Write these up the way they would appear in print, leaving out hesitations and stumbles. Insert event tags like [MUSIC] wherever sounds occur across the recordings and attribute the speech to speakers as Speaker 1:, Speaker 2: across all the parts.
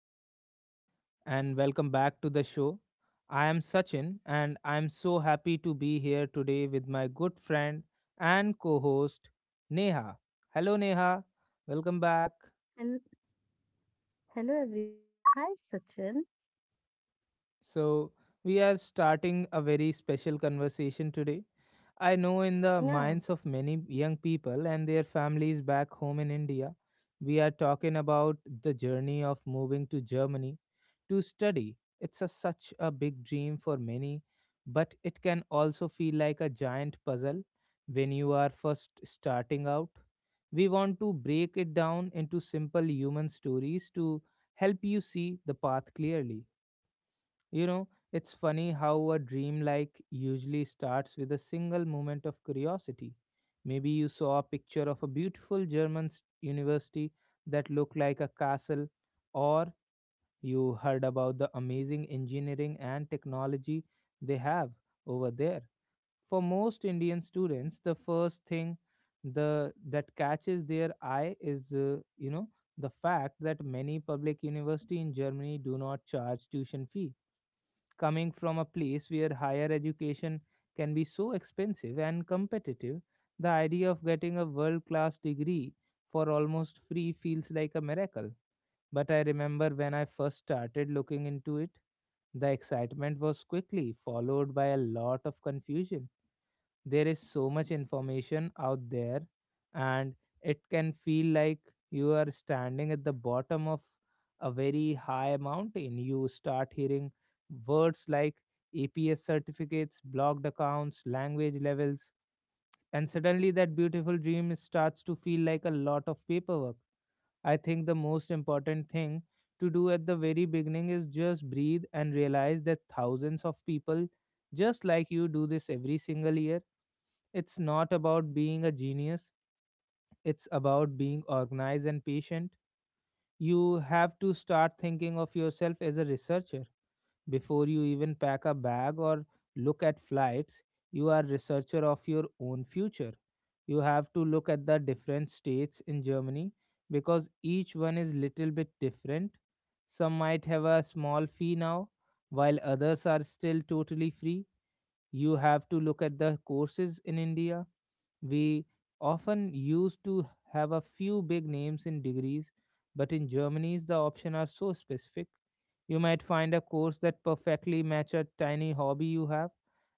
Speaker 1: everyone, and welcome back to the show. I am Sachin, and I am so happy to be here today with my good friend and co host, Neha. Hello, Neha. Welcome back.
Speaker 2: Hel- Hello everyone. Hi Sachin.
Speaker 1: So, we are starting a very special conversation today. I know in the
Speaker 2: Yeah.
Speaker 1: minds of many young people and their families back home in India, we are talking about the journey of moving to Germany to study. Such a big dream for many, but it can also feel like a giant puzzle when you are first starting out. We want to break it down into simple human stories to help you see the path clearly. You know, it's funny how a dream like usually starts with a single moment of curiosity. Maybe you saw a picture of a beautiful university that looked like a castle, or you heard about the amazing engineering and technology they have over there. For most Indian students, the first thing the that catches their eye is you know, the fact that many public university in Germany do not charge tuition fee. Coming from a place where higher education can be so expensive and competitive, the idea of getting a world class degree for almost free feels like a miracle. But I remember when I first started looking into it, the excitement was quickly followed by a lot of confusion. There is so much information out there, and it can feel like you are standing at the bottom of a very high mountain. You start hearing words like APS certificates, blocked accounts, language levels, and suddenly that beautiful dream starts to feel like a lot of paperwork. I think the most important thing to do at the very beginning is just breathe and realize that thousands of people just like you do this every single year. It's not about being a genius, it's about being organized and patient. You have to start thinking of yourself as a researcher. Before you even pack a bag or look at flights, you are researcher of your own future. You have to look at the different states in Germany because each one is little bit different. Some might have a small fee now, while others are still totally free. You have to look at the courses. In India we often used to have a few big names in degrees, but in Germany's the options are so specific. You might find a course that perfectly match a tiny hobby you have,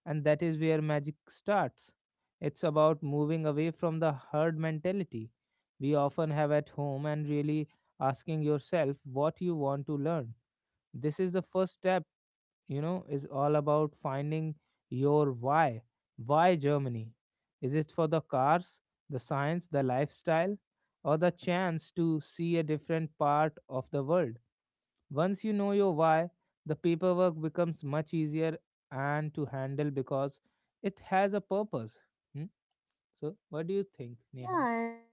Speaker 1: and that is where magic starts. It's about moving away from the herd mentality we often have at home and really asking yourself what you want to learn. This is the first step, you know, is all about finding your why. Why Germany? Is it for the cars, the science, the lifestyle, or the chance to see a different part of the world? Once you know your why, the paperwork becomes much easier and to handle because it has a purpose. Hmm? So what do you think, Neha?
Speaker 2: Yeah, and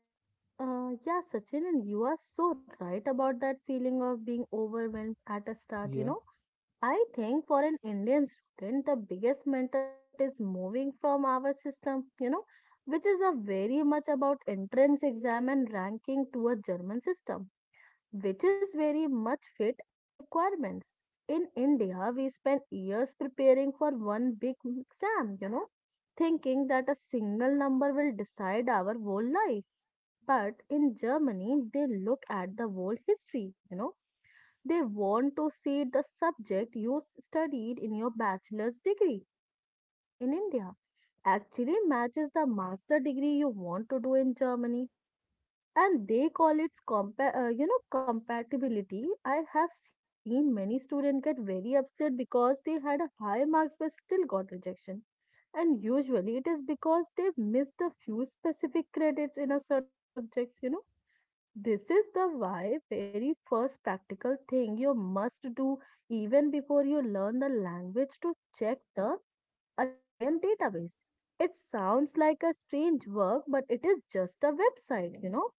Speaker 2: yeah, Sachin, and you are so right about that feeling of being overwhelmed at a start, you
Speaker 1: Yeah.
Speaker 2: know. I think for an Indian student, the biggest mental shift is moving from our system, which is a very much about entrance exam and ranking to a German system which is very much fit and requirements. In India, we spend years preparing for one big exam, thinking that a single number will decide our whole life. But in Germany, they look at the whole history, they want to see the subject you studied in your bachelor's degree, you know, in India actually matches the master degree you want to do in Germany and they call it compa- compatibility. I have seen many students get very upset because they had a high marks but still got rejection, and usually it is because they've missed a few specific credits in a certain subjects. This is the why very first practical thing you must do, even before you learn the language, to check the anavian database. It sounds like a strange work, but it is just a website,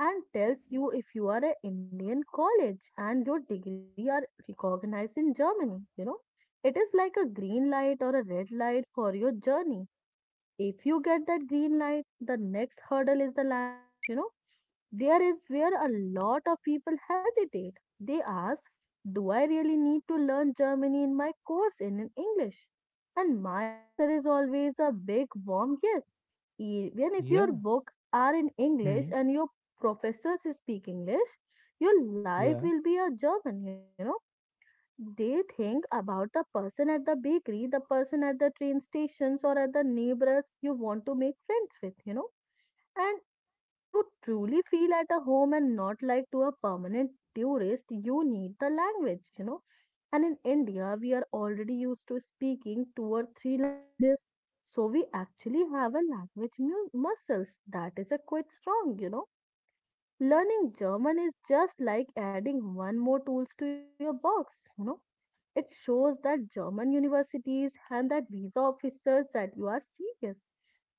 Speaker 2: and tells you if you are an Indian college and your degree are recognized in Germany. You know, it is like a green light or a red light for your journey. If you get that green light, the next hurdle is the language. There is where a lot of people hesitate. They ask, do I really need to learn Germany in my course in English? And my answer is always a big warm yes. Even if your
Speaker 1: Yeah.
Speaker 2: book are in English
Speaker 1: Hmm.
Speaker 2: and your professors speak English, your life
Speaker 1: Yeah.
Speaker 2: will be a German. They think about the person at the bakery, the person at the train stations, or at the neighbors you want to make friends with. And to truly feel at a home and not like to a permanent tourist, you need the language. And in India, we are already used to speaking two or three languages. So we actually have a language muscles that is a quite strong. Learning German is just like adding one more tools to your box. It shows that German universities and that visa officers that you are serious.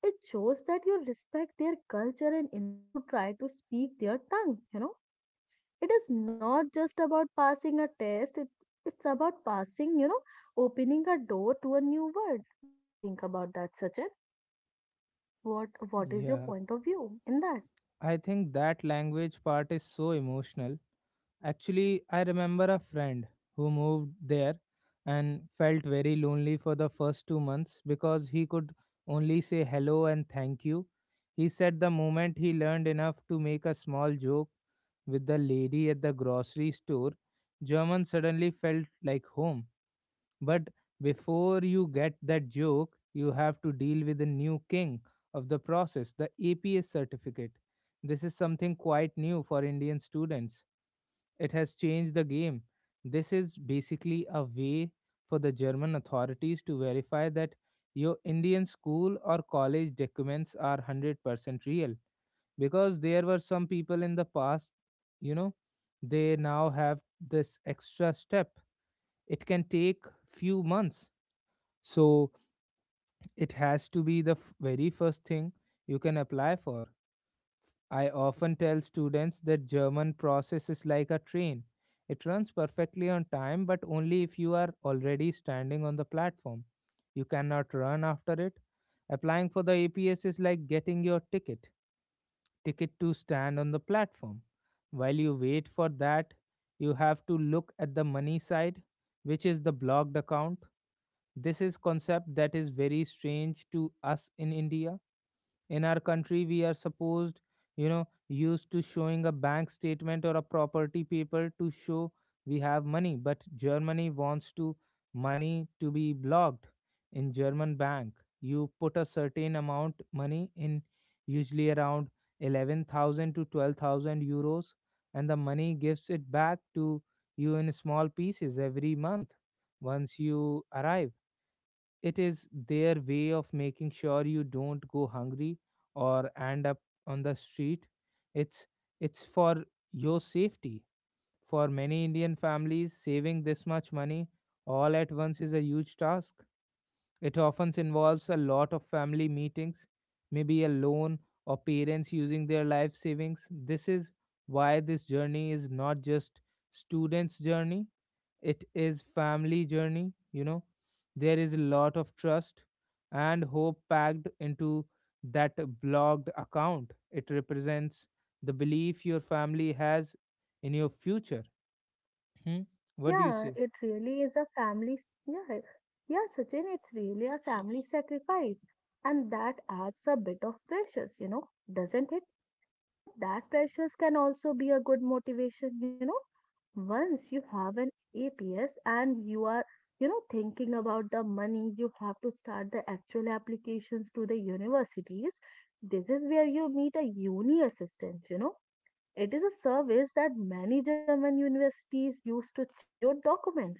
Speaker 2: It shows that you respect their culture and enough to try to speak their tongue. It is not just about passing a test, it's about passing, opening a door to a new world. What do you think about that, Sachin? What is your
Speaker 1: Yeah,
Speaker 2: point of view in that?
Speaker 1: I think that language part is so emotional. Actually, I remember a friend who moved there and felt very lonely for the first 2 months because he could only say hello and thank you. He said the moment he learned enough to make a small joke with the lady at the grocery store, German suddenly felt like home. But before you get that joke, you have to deal with the new king of the process, the APS certificate. This is something quite new for Indian students. It has changed the game. This is basically a way for the German authorities to verify that your Indian school or college documents are 100% real. Because there were some people in the past, you know, they now have this extra step. It can take few months. So it has to be the very first thing you can apply for. I often tell students that German process is like a train. It runs perfectly on time, but only if you are already standing on the platform. You cannot run after it. Applying for the APS is like getting your ticket to stand on the platform. While you wait for that, you have to look at the money side, which is the blocked account. This is concept that is very strange to us in India. In our country we are supposed, you know, used to showing a bank statement or a property paper to show we have money, but Germany wants to money to be blocked in German bank. You put a certain amount money in, usually around 11,000 to 12,000 euros, and the money gives it back to you in small pieces every month once you arrive. It is their way of making sure you don't go hungry or end up on the street. It's it's for your safety. For many Indian families, saving this much money all at once is a huge task. It often involves a lot of family meetings, maybe a loan, or parents using their life savings. This is why this journey is not just students journey, it is family journey, you know. There is a lot of trust and hope packed into that blogged account. It represents the belief your family has in your future. Hmm? What do you
Speaker 2: Yeah,
Speaker 1: say?
Speaker 2: it really is a family. Yeah, yeah, Sachin, it's really a family sacrifice, and that adds a bit of pressures, doesn't it? But that pressures can also be a good motivation. Once you have an APS and you are, you know, thinking about the money, you have to start the actual applications to the universities. This is where you meet a uni assistant. It is a service that many German universities use to check your documents.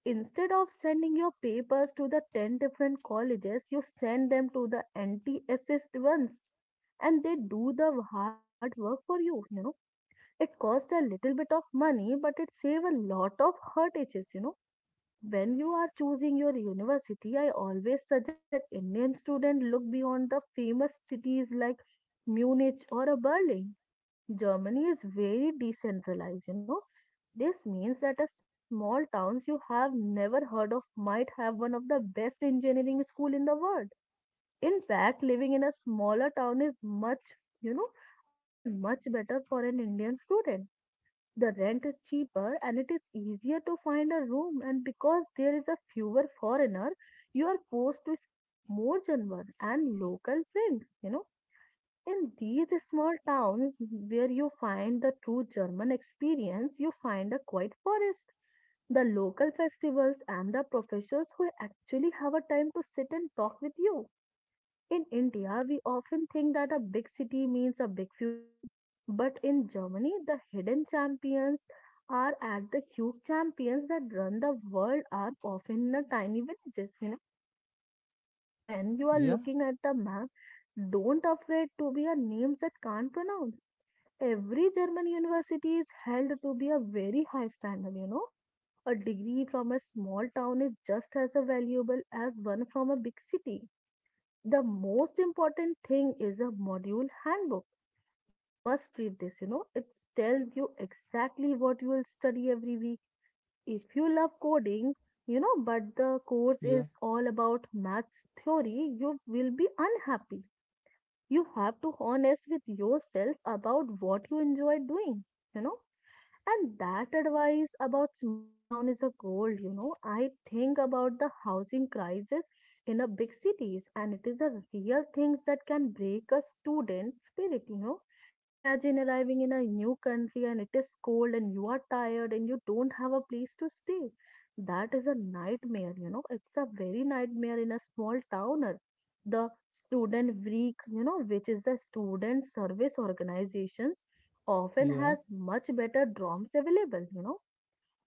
Speaker 2: Instead of sending your papers to the 10 different colleges, you send them to the anti-assist ones and they do the hard work for you, you know. It costs a little bit of money, but it saves a lot of heartaches. When you are choosing your university, I always suggest that Indian students look beyond the famous cities like Munich or a Berlin. Germany is very decentralized. This means that a small towns you have never heard of might have one of the best engineering school in the world. In fact, living in a smaller town is much, you know, often much better for an Indian student. The rent is cheaper and it is easier to find a room and because there is a fewer foreigner, you are forced to speak more German and local things. In these small towns where you find the true German experience, you find a quiet forest, the local festivals, and the professors who actually have a time to sit and talk with you. In India, we often think that a big city means a big future, but in Germany, the hidden champions are as the huge champions that run the world are often in the tiny villages, so when you are
Speaker 1: Yeah.
Speaker 2: looking at the map, don't afraid to be a names that can't pronounce. Every German university is held to be a very high standard. A degree from a small town is just as valuable as one from a big city. The most important thing is a module handbook. You must read this, you know. It tells you exactly what you will study every week if you love coding, you know, but the course
Speaker 1: Yeah.
Speaker 2: is all about maths theory, you will be unhappy. You have to honest with yourself about what you enjoy doing, you know. And that advice about small town is a gold. I think about the housing crisis in a big cities, and it is a real things that can break a student spirit. Imagine arriving in a new country and it is cold and you are tired and you don't have a place to stay. That is a nightmare, you know. It's a very nightmare in a small towner. The student week, you know, which is the student service organizations often
Speaker 1: Yeah.
Speaker 2: has much better DROMs available.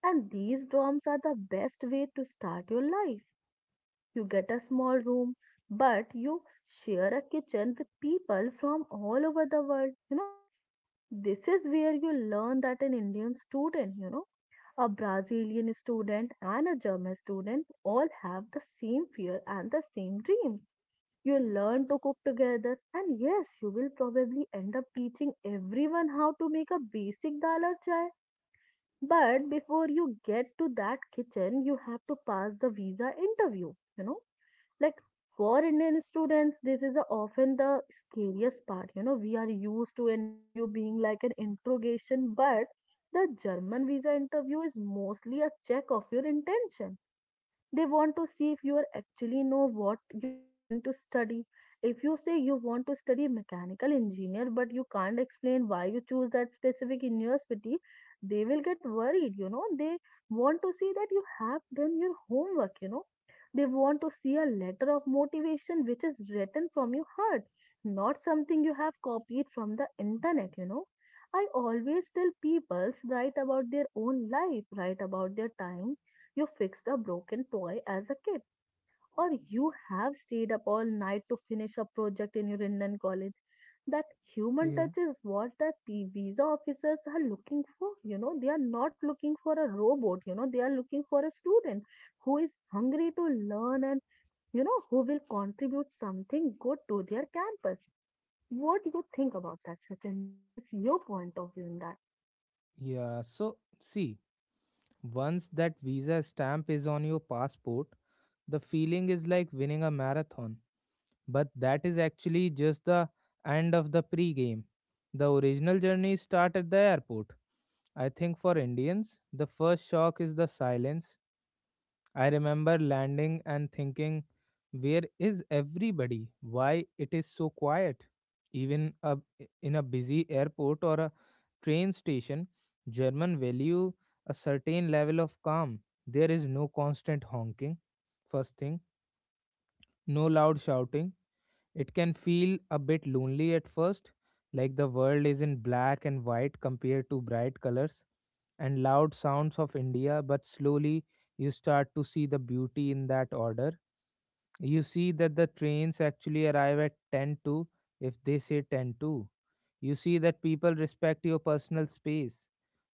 Speaker 2: And these DROMs are the best way to start your life. You get a small room, but you share a kitchen with people from all over the world. This is where you learn that an Indian student, you know, a Brazilian student, and a German student all have the same fear and the same dreams. You learn to cook together, and yes, you will probably end up teaching everyone how to make a basic dal or chai, but before you get to that kitchen, you have to pass the visa interview. You know, like for Indian students, this is often the scariest part. You know, we are used to interview being like an interrogation, but the German visa interview is mostly a check of your intention. They want to see if you are actually know what you are going to study. If you say you want to study mechanical engineer, but you can't explain why you choose that specific university, they will get worried, you know. They want to see that you have done your homework, you know. They want to see a letter of motivation which is written from your heart, not something you have copied from the internet, you know. I always tell people write about their own life, write about their time, you fixed a broken toy as a kid, or you have stayed up all night to finish a project in your Indian college. That human
Speaker 1: Yeah.
Speaker 2: touch is what the visa officers are looking for. You know, they are not looking for a robot, you know, they are looking for a student who is hungry to learn and, you know, who will contribute something good to their campus. What do you think about that, Sachin? What is your point of view in that?
Speaker 1: Yeah so see, once that visa stamp is on your passport, the feeling is like winning a marathon. But that is actually just the end of the pre-game. The original journey starts at the airport. I think for Indians, the first shock is the silence. I remember landing and thinking, where is everybody? Why it is so quiet? Even a, in a busy airport or a train station, German value a certain level of calm. There is no constant honking, first thing, no loud shouting, it can feel a bit lonely at first, like the world is in black and white compared to bright colors and loud sounds of India, but slowly you start to see the beauty in that order. You see that the trains actually arrive at 10 to if they say 10 to. You see that people respect your personal space.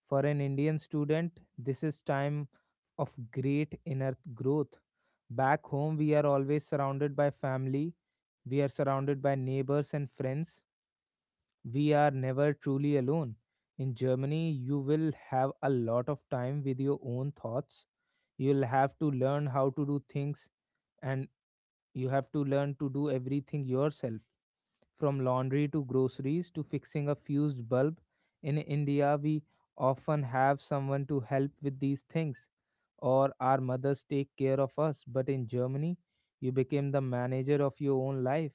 Speaker 1: For an Indian student this is time of great inner growth. Back home we are always surrounded by family, we are surrounded by neighbors and friends, we are never truly alone. In Germany you will have a lot of time with your own thoughts. You'll have to learn how to do things, and you have to learn to do everything yourself, from laundry to groceries to fixing a fused bulb. In India, we often have someone to help with these things, or our mothers take care of us. But in Germany, you became the manager of your own life.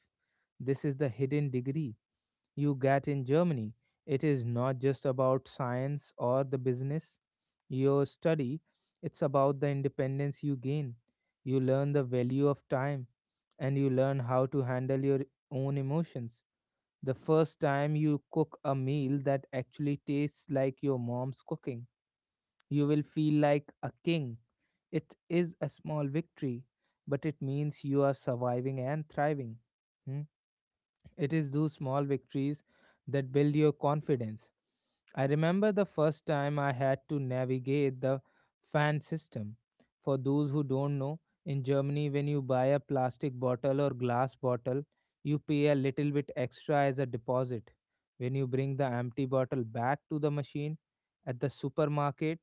Speaker 1: This is the hidden degree you get in Germany. It is not just about science or the business you study, it's about the independence you gain. You learn the value of time and you learn how to handle your own emotions. The first time you cook a meal that actually tastes like your mom's cooking, you will feel like a king. It is a small victory, but it means you are surviving and thriving. Hmm? It is those small victories that build your confidence. I remember the first time I had to navigate the fan system. For those who don't know, in Germany, when you buy a plastic bottle or glass bottle, you pay a little bit extra as a deposit. When you bring the empty bottle back to the machine at the supermarket,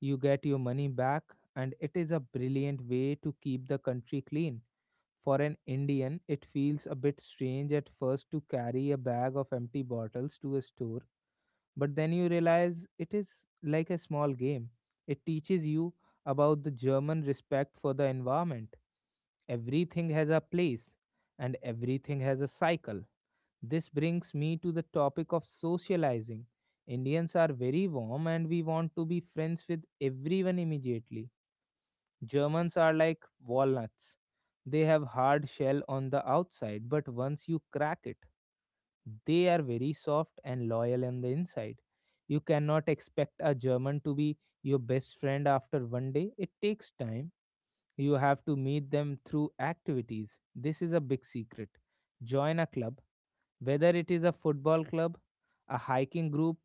Speaker 1: you get your money back, and it is a brilliant way to keep the country clean. For an Indian, it feels a bit strange at first to carry a bag of empty bottles to a store, but then you realize it is like a small game. It teaches you about the German respect for the environment. Everything has a place, and everything has a cycle. This brings me to the topic of socializing. Indians are very warm and we want to be friends with everyone immediately. Germans are like walnuts. They have hard shell on the outside, but once you crack it, they are very soft and loyal on the inside. You cannot expect a German to be your best friend after one day. It takes time. You have to meet them through activities. This is a big secret. Join a club, whether it is a football club, a hiking group,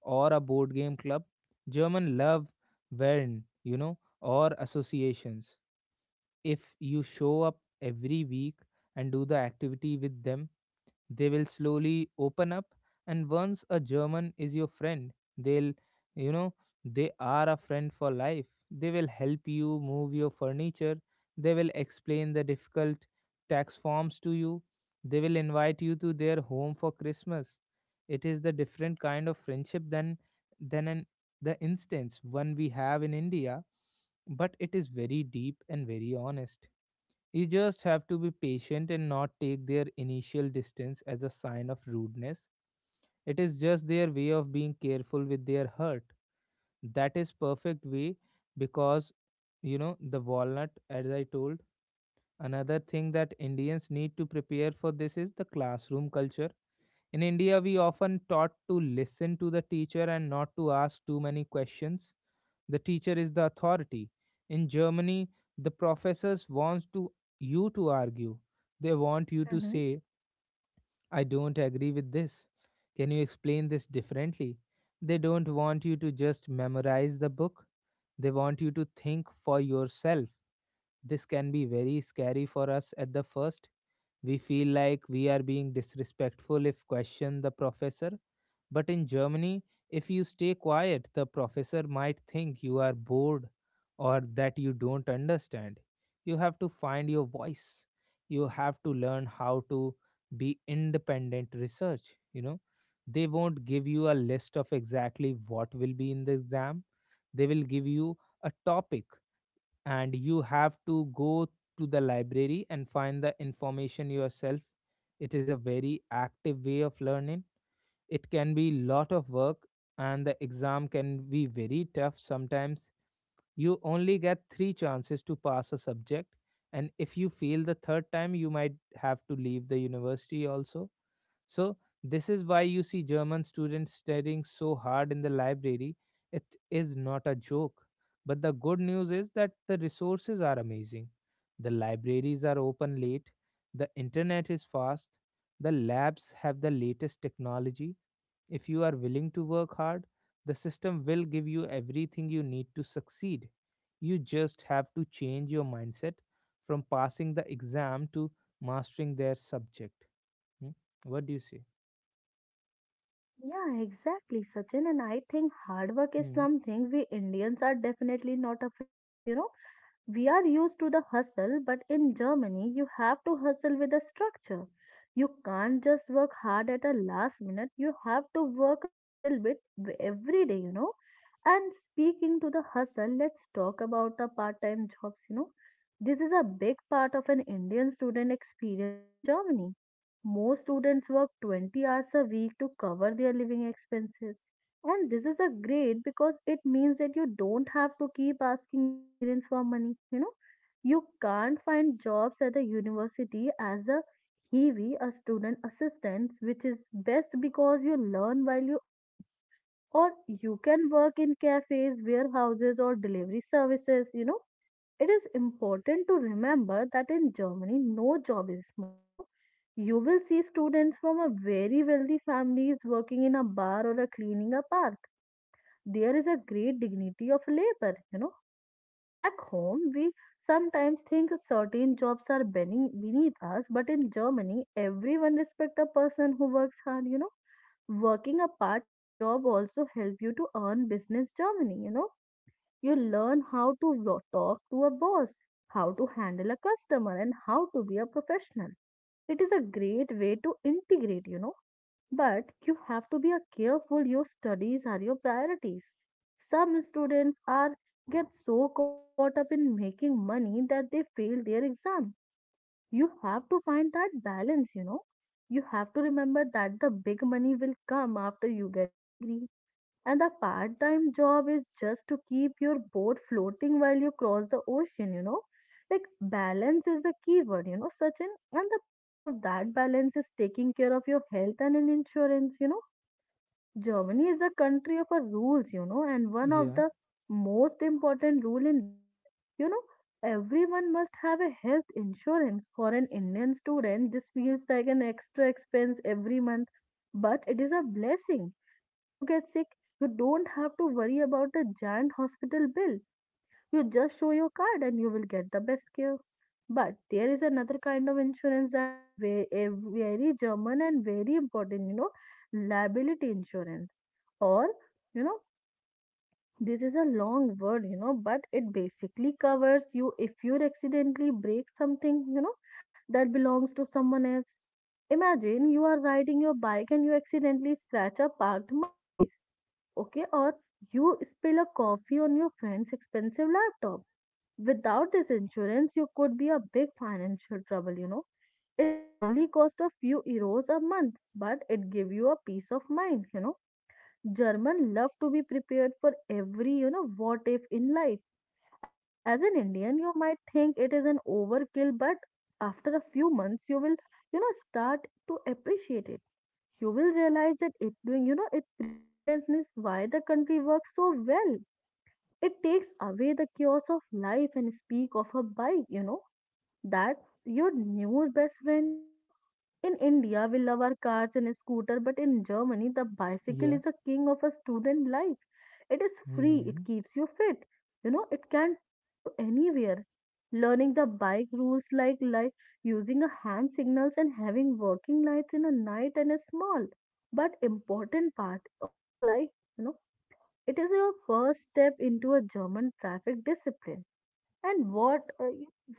Speaker 1: or a board game club. German love Wern, you know, or associations. If you show up every week and do the activity with them, they will slowly open up. And once a German is your friend, they'll, you know, they are a friend for life. They will help you move your furniture. They will explain the difficult tax forms to you. They will invite you to their home for Christmas. It is the different kind of friendship than an the instance one we have in India, but it is very deep and very honest. You just have to be patient and not take their initial distance as a sign of rudeness. It is just their way of being careful with their hurt. That is perfect way because you know the walnut as I told. Another thing that Indians need to prepare for this is the classroom culture. In India, we often taught to listen to the teacher and not to ask too many questions. The teacher is the authority. In Germany, the professors want to you to argue. They want you to
Speaker 2: Mm-hmm.
Speaker 1: say, "I don't agree with this. Can you explain this differently?" They don't want you to just memorize the book. They want you to think for yourself. This can be very scary for us at the first. We feel like we are being disrespectful if question the professor, but in Germany, if you stay quiet, the professor might think you are bored or that you don't understand. You have to find your voice. You have to learn how to be independent research, you know. They won't give you a list of exactly what will be in the exam. They will give you a topic and you have to go to the library and find the information yourself. It is a very active way of learning. It can be lot of work and the exam can be very tough sometimes. You only get 3 chances to pass a subject, and if you fail the third time you might have to leave the university also. So this is why you see german students studying so hard in the library. It is not a joke. But the good news is that the resources are amazing. The libraries are open late, the internet is fast, the labs have the latest technology. If you are willing to work hard, the system will give you everything you need to succeed. You just have to change your mindset from passing the exam to mastering their subject. Hmm? What do you say?
Speaker 2: Yeah, exactly, Sachin. And I think hard work is
Speaker 1: Hmm.
Speaker 2: something we Indians are definitely not afraid of, you know. We are used to the hustle, but in Germany, you have to hustle with a structure. You can't just work hard at a last minute. You have to work a little bit every day, you know. And speaking to the hustle, let's talk about the part time jobs, you know. This is a big part of an Indian student experience in Germany. Most students work 20 hours a week to cover their living expenses. And this is a great because it means that you don't have to keep asking your parents for money. You know, you can't find jobs at the university as a heavy, a student assistant, which is best because you learn while you earn. Or you can work in cafes, warehouses, or delivery services. You know, it is important to remember that in Germany, no job is small. You know, you will see students from a very wealthy families working in a bar or a cleaning a park, there is a great dignity of labor. You know, back home, we sometimes think certain jobs are beneath us, but in Germany, everyone respects a person who works hard. You know, working a part time job also help you to earn business Germany. You know, you learn how to talk to a boss, how to handle a customer, and how to be a professional. It is a great way to integrate, but you have to be a careful your studies are your priorities. Some students are get so caught up in making money that they fail their exam. You have to find that balance, you know. You have to remember that the big money will come after you get the degree. And the part time job is just to keep your boat floating while you cross the ocean, you know. Balance is the key word, you know, Sachin. And the part of that balance is taking care of your health and an insurance, you know. Germany is the country of a rules, you know, and one of
Speaker 1: Yeah,
Speaker 2: the most important rule in that, you know, everyone must have a health insurance. For an Indian student, this feels like an extra expense every month, but it is a blessing. If you get sick, you don't have to worry about a giant hospital bill. You just show your card and you will get the best care. But there is another kind of insurance that are a very German and very important, you know, liability insurance or you know, this is a long word, you know, but it basically covers you if you accidentally break something, you know, that belongs to someone else. Imagine you are riding your bike and you accidentally scratch a parked Mercedes, okay, or you spill a coffee on your friend's expensive laptop. Without this insurance you could be a big financial trouble, you know. It's only cost a few euros a month but it give you a peace of mind, you know. German love to be prepared for every, you know, what if in life. As an Indian, you might think it is an overkill, but after a few months, you will, you know, start to appreciate it. You will realize that it doing, you know, it preparedness is why the country works so well. It takes away the chaos of life and speak of a bike, you know, that your new best friend, you know. In India, we love our cars and a scooter, but in Germany, the bicycle
Speaker 1: yeah.
Speaker 2: is a king of a student life. It is free, it
Speaker 1: Hmm.
Speaker 2: keeps you fit. You know, it can take you anywhere. Learning the bike rules like using a hand signals and having working lights in a night and a small but important part of your life, you know, it is your first step into a German traffic discipline. And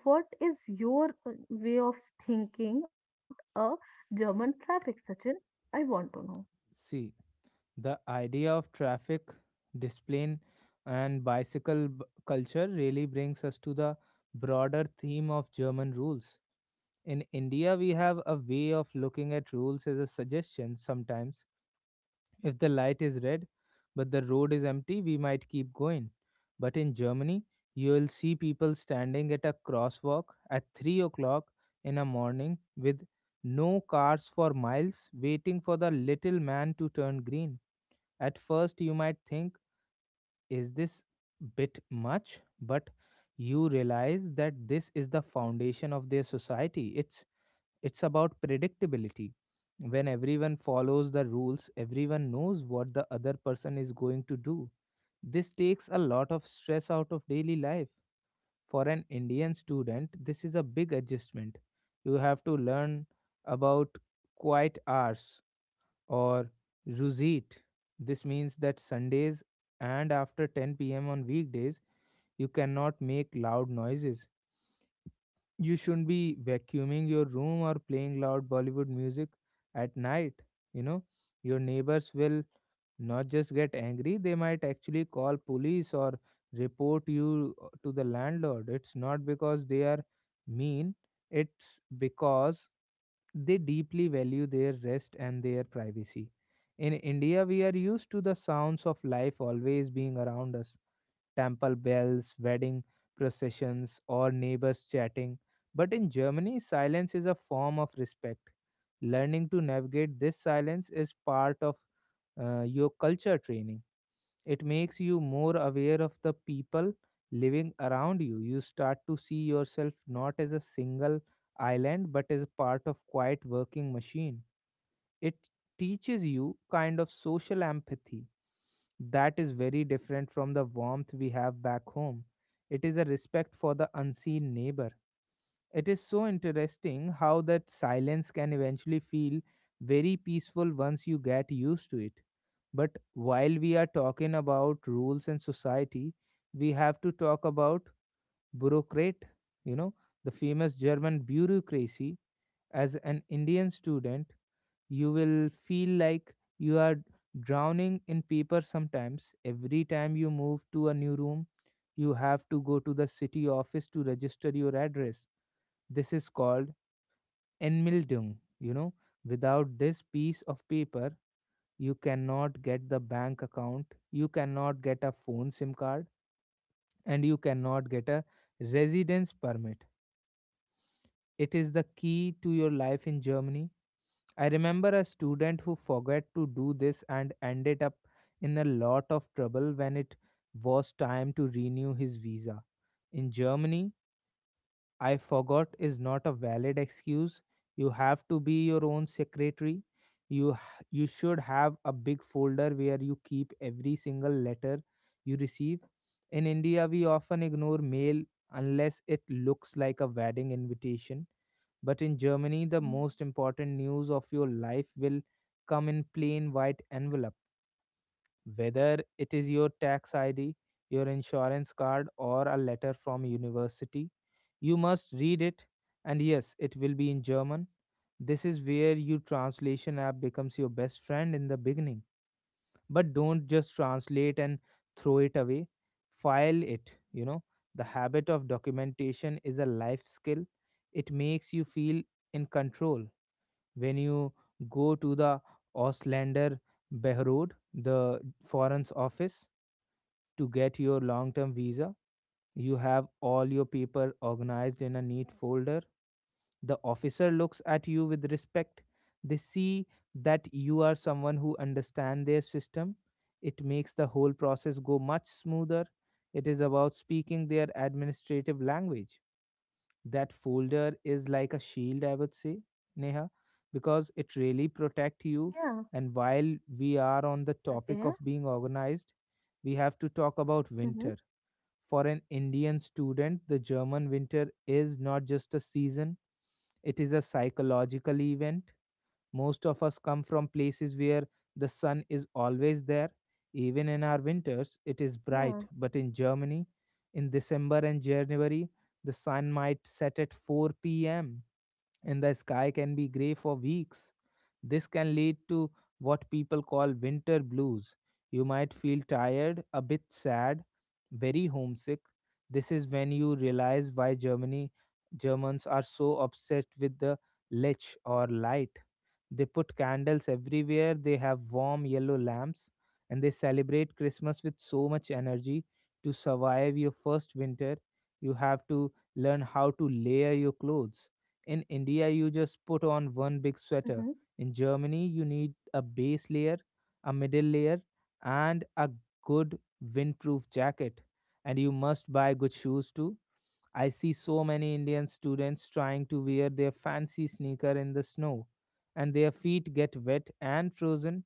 Speaker 2: what is your way of thinking about a German traffic, Sachin? I want to know.
Speaker 1: See, the idea of traffic, discipline, and bicycle culture really brings us to the broader theme of German rules. In India, we have a way of looking at rules as a suggestion sometimes. If the light is red but the road is empty, we might keep going. But in Germany, you'll see people standing at a crosswalk at 3 o'clock in the morning with no cars for miles, waiting for the little man to turn green. At first, you might think, is this bit much? But you realize that this is the foundation of their society. It's about predictability. When everyone follows the rules, everyone knows what the other person is going to do. This takes a lot of stress out of daily life. For an Indian student, this is a big adjustment. You have to learn about quiet hours or rosit. This means that Sundays and after 10 p.m. on weekdays, you cannot make loud noises. You shouldn't be vacuuming your room or playing loud Bollywood music at night. You know, your neighbors will not just get angry, they might actually call police or report you to the landlord. It's not because they are mean, it's because they deeply value their rest and their privacy. In India, we are used to the sounds of life always being around us, temple bells, wedding processions, or neighbors chatting. But in Germany, silence is a form of respect. Learning to navigate this silence is part of your culture training. It makes you more aware of the people living around you. You start to see yourself not as a single island but as a part of quiet working machine. It teaches you kind of social empathy that is very different from the warmth we have back home. It is a respect for the unseen neighbor. It is so interesting how that silence can eventually feel very peaceful once you get used to it. But while we are talking about rules and society, we have to talk about bureaucrat, you know, the famous German bureaucracy. As an Indian student, you will feel like you are drowning in paper sometimes. Every time you move to a new room, you have to go to the city office to register your address. This is called Enmeldung, you know. Without this piece of paper, you cannot get the bank account, you cannot get a phone SIM card, and you cannot get a residence permit. It is the key to your life in Germany. I remember a student who forgot to do this and ended up in a lot of trouble when it was time to renew his visa. In Germany, I forgot is not a valid excuse. You have to be your own secretary. You should have a big folder where you keep every single letter you receive. In India, we often ignore mail unless it looks like a wedding invitation. But in Germany, the
Speaker 2: Hmm.
Speaker 1: most important news of your life will come in plain white envelope, whether it is your tax id, your insurance card, or a letter from university. You must read it, and yes it will be in german. This is where your translation app becomes your best friend in the beginning. But don't just translate and throw it away, file it, you know. The habit of documentation is a life skill. It makes you feel in control. When you go to the auslander behrod, the foreign's office, to get your long term visa, you have all your paper organized in a neat folder. The officer looks at you with respect. They see that you are someone who understands their system. It makes the whole process go much smoother. It is about speaking their administrative language. That folder is like a shield, I would say, Neha, because it really protect
Speaker 2: Yeah.
Speaker 1: you. And while we are on the
Speaker 2: Okay.
Speaker 1: topic of being organized, we have to talk about
Speaker 2: Hmm.
Speaker 1: winter. For an Indian student, the German winter is not just a season, it is a psychological event. Most of us come from places where the sun is always there. Even in our winters, it is
Speaker 2: Yeah.
Speaker 1: bright. But in Germany, in December and January, the sun might set at 4 p.m. and the sky can be gray for weeks. This can lead to what people call winter blues. You might feel tired, a bit sad, very homesick. This is when you realize why Germany Germans are so obsessed with the Lech or light. They put candles everywhere, they have warm yellow lamps, and they celebrate Christmas with so much energy. To survive your first winter, you have to learn how to layer your clothes. In India, you just put on one big
Speaker 2: Hmm.
Speaker 1: sweater. In Germany, you need a base layer, a middle layer, and a good windproof jacket. And you must buy good shoes too. I see so many Indian students trying to wear their fancy sneaker in the snow, and their feet get wet and frozen.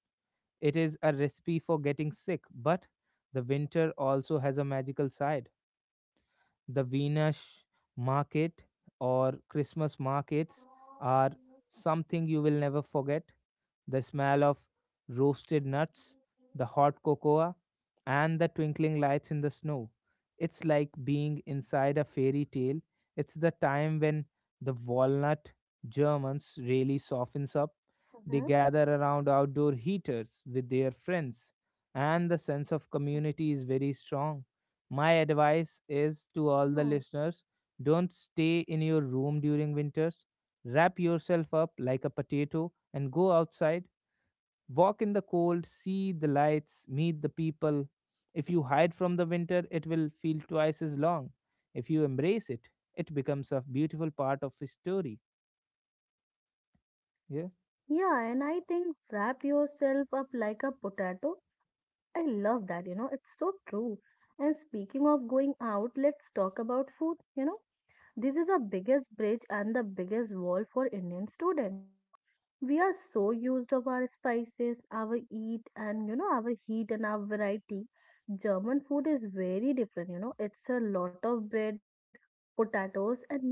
Speaker 1: It is a recipe for getting sick, but the winter also has a magical side. The Venus market or Christmas markets are something you will never forget. The smell of roasted nuts, the hot cocoa, and the twinkling lights in the snow. It's like being inside a fairy tale. It's the time when the walnut Germans really softens up. They
Speaker 2: Mhm.
Speaker 1: gather around outdoor heaters with their friends, and the sense of community is very strong. My advice is to all
Speaker 2: Yeah.
Speaker 1: the listeners, don't stay in your room during winters. Wrap yourself up like a potato and go outside. Walk in the cold, see the lights, meet the people. If you hide from the winter, it will feel twice as long. If you embrace it, it becomes a beautiful part of a story. Yeah,
Speaker 2: Yeah, and I think wrap yourself up like a potato. I love that, you know, it's so true. And speaking of going out, let's talk about food, you know. This is the biggest bridge and the biggest wall for Indian students, you know. We are so used of our spices, our eat and, you know, our heat and our variety. German food is very different, you know. It's a lot of bread, potatoes and meat.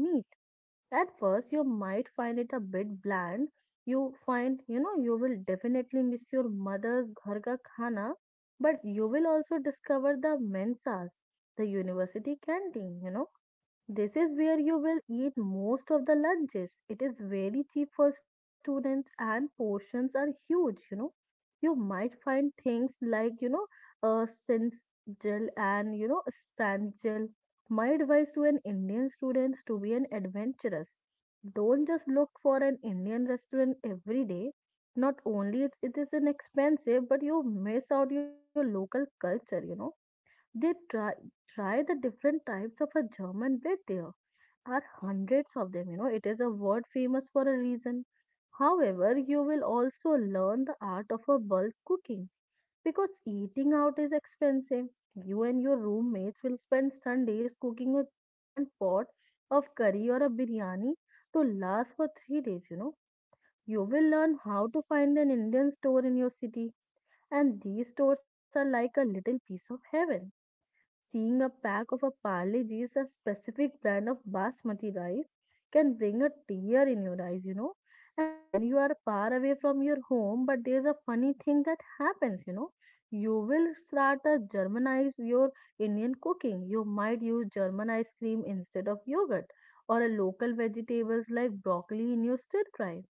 Speaker 2: At first, you might find it a bit bland. You find, you know, you will definitely miss your mother's ghar ka khana, but you will also discover the mensas, the university canteen, you know. This is where you will eat most of the lunches. It is very cheap for students and portions are huge, you know. You might find things like, you know, since and, you know, sprangel. My advice to an Indian students to be an adventurous. Don't just look for an Indian restaurant every day. Not only it, it is inexpensive, but you miss out your local culture, you know. They try Try the different types of a German bread. There are hundreds of them. You know, it is a word famous for a reason. However, you will also learn the art of a bulk cooking because eating out is expensive. You and your roommates will spend Sundays cooking a grand pot of curry or a biryani to last for 3 days. You know, you will learn how to find an Indian store in your city, and these stores are like a little piece of heaven. Seeing a pack of a Parle G's, a specific brand of basmati rice, can bring a tear in your eyes, you know. And when you are far away from your home, but there's a funny thing that happens, you know. You will start to Germanize your Indian cooking. You might use German ice cream instead of yogurt, or a local vegetables like broccoli in your stir fry.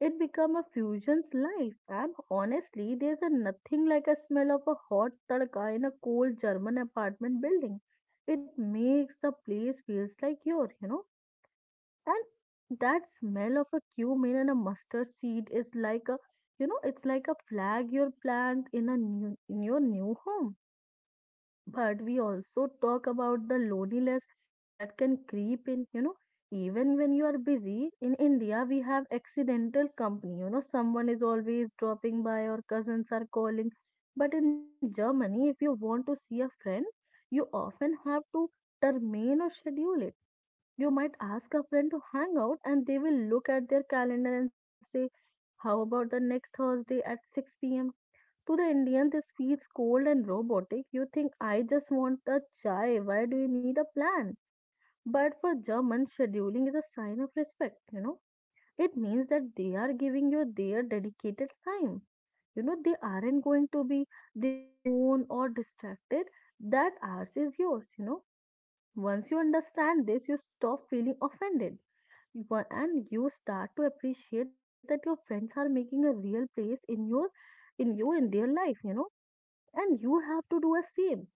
Speaker 2: It become a fusion's life, and honestly, there's a nothing like a smell of a hot tadka in a cold German apartment building. It makes the place feels like your, you know. And that smell of a cumin and a mustard seed is like a, you know, it's like a flag you plant in a new in your new home. But we also talk about the loneliness that can creep in, you know, even when you are busy. In India we have accidental company, you know, someone is always dropping by or cousins are calling. But in Germany, if you want to see a friend you often have to determine or schedule it. You might ask a friend to hang out and they will look at their calendar and say, how about the next Thursday at 6 p.m? To the Indian, this feels cold and robotic. You think, I just want a chai. Why do you need a plan? But for German, scheduling is a sign of respect, you know. It means that they are giving you their dedicated time. You know, they aren't going to be their phone or distracted. That ours is yours, you know. Once you understand this, you stop feeling offended. And you start to appreciate that your friends are making a real place in your in their life, you know. And you have to do a same.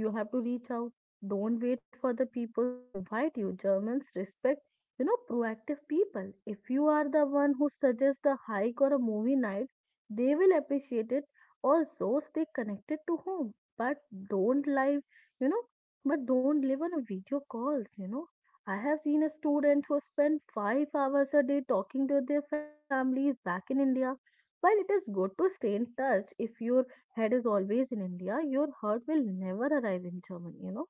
Speaker 2: You have to reach out. Don't wait for the peoples to invite you. Germans respect, you know, proactive people. If you are the one who suggests a hike or a movie night, they will appreciate it. Also, stay connected to home, but don't live, you know, but don't live on a video calls, you know. I have seen a student who spent 5 hours a day talking to their family back in India. While it is good to stay in touch, if your head is always in India, your heart will never arrive in Germany. You know,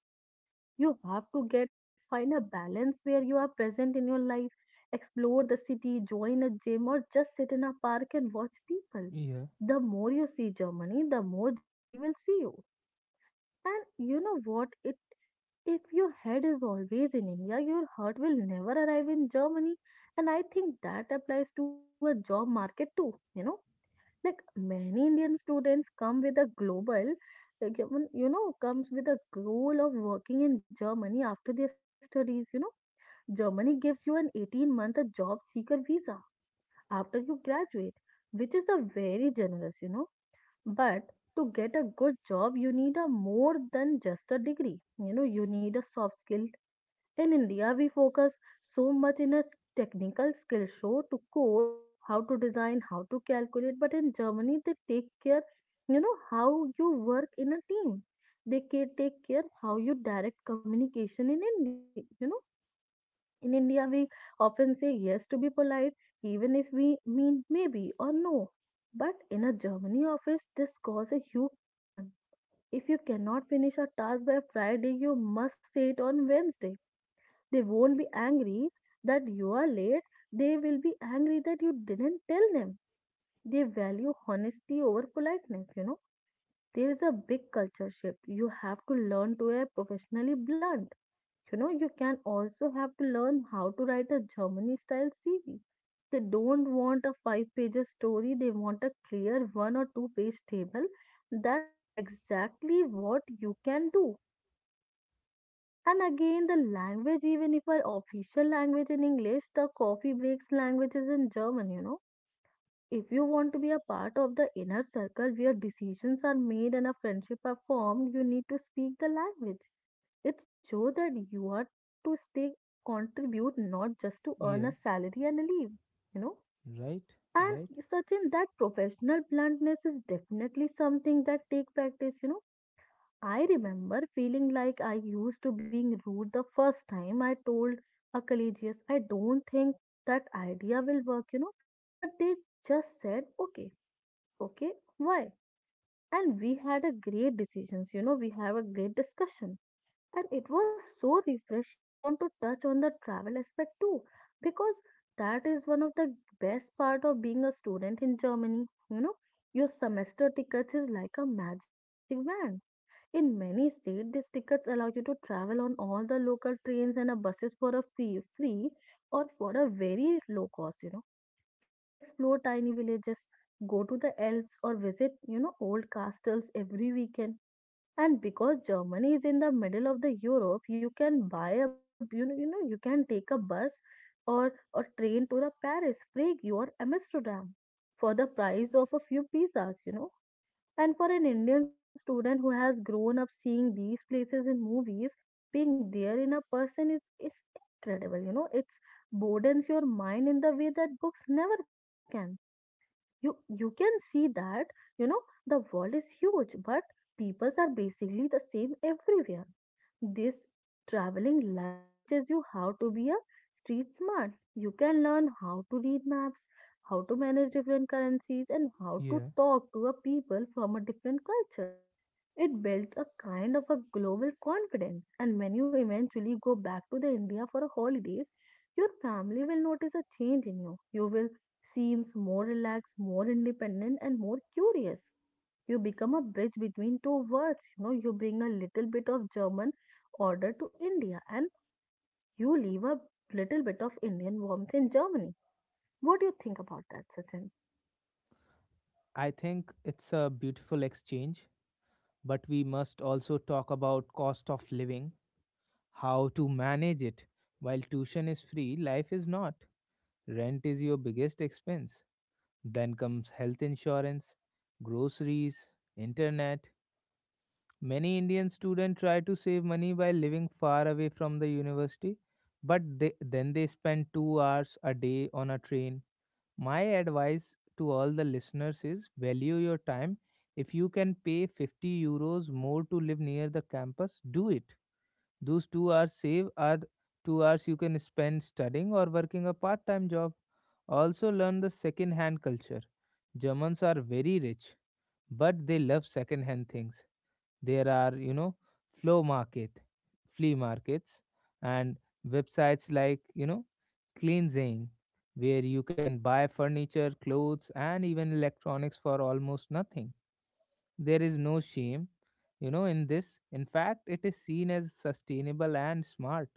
Speaker 2: you have to get find a balance where you are present in your life, explore the city, join a gym, or just sit in a park and watch people.
Speaker 1: yeah,
Speaker 2: The more you see Germany, the more Germany will see you. And you know what? It if your head is always in India, your heart will never arrive in Germany. And I think that applies to a job market too. You know, like many Indian students come with a global, like, even, you know, comes with a goal of working in Germany after their studies. You know, Germany gives you an 18 month a job seeker visa after you graduate, which is a very generous, you know. But to get a good job, you need a more than just a degree. You know, you need a soft skill. In India, we focus so much in a technical skill show to code, how to design, how to calculate. But in Germany, they take care, you know, how you work in a team. They take care how you direct communication in India. You know, in India, we often say yes to be polite, even if we mean maybe or no. But in a Germany office, this causes a huge problem. If you cannot finish a task by Friday, you must say it on Wednesday. They won't be angry that you are late. They will be angry that you didn't tell them. They value honesty over politeness, you know. There is a big culture shift. You have to learn to be professionally blunt. You know, you can also have to learn how to write a Germany style CV. They don't want a five pages story, they want a clear one or two-page table that show exactly what you can do. And again, the language, even if our official language in English, the coffee breaks language is in German, you know. If you want to be a part of the inner circle where decisions are made and a friendship are formed, you need to speak the language. It shows that you are to stay, contribute, not just to earn a
Speaker 1: yeah.
Speaker 2: salary and a leave, you know.
Speaker 1: Right,
Speaker 2: And
Speaker 1: right.
Speaker 2: such in that professional bluntness is definitely something that take practice. I remember feeling like I used to being rude the first time I told a collegius, I don't think that idea will work. But they just said, okay, okay, why? And we had a great decisions, we have a great discussion. And it was so refreshing. I want to touch on the travel aspect too, because that is one of the best part of being a student in Germany, you know. Your semester tickets is like a magic wand in many states, these tickets allow you to travel on all the local trains and buses for a fee, free or for a very low cost, you know. You can explore tiny villages, go to the Alps or visit, old castles every weekend. And because Germany is in the middle of the Europe, you can buy a, you know, you know, you can take a bus or a train to the Paris, Prague or Amsterdam for the price of a few pizzas. And for an Indian student who has grown up seeing these places in movies, being there in a person is incredible. It's broadens your mind in the way that books never can. You can see that, you know, the world is huge, but peoples are basically the same everywhere. This traveling life teaches you how to be a street smart. You can learn how to read maps, how to manage different currencies, and how to
Speaker 1: Yeah.
Speaker 2: talk to a people from a different cultures. It built a kind of a global confidence, and when you eventually go back to the India for a holidays, your family will notice a change in you. You will seems more relaxed, more independent, and more curious. You become a bridge between two worlds, you bring a little bit of German order to India and you leave a little bit of Indian warmth in Germany. What do you think about that, Sachin?
Speaker 1: I think it's a beautiful exchange, but we must also talk about cost of living, how to manage it. While tuition is free, life is not. Rent is your biggest expense. Then comes health insurance, groceries, internet. Many Indian students try to save money by living far away from the university, but then they spend 2 hours a day on a train. My advice to all the listeners is value your time. If you can pay €50 more to live near the campus, do it. Those 2 hours saved are 2 hours you can spend studying or working a part time job. Also, learn the second hand culture. Germans are very rich, but they love second hand things. There are, you know, flow market, flea markets, and websites like, you know, Cleansing, where you can buy furniture, clothes, and even electronics for almost nothing. There is no shame, you know, in this. In fact, it is seen as sustainable and smart.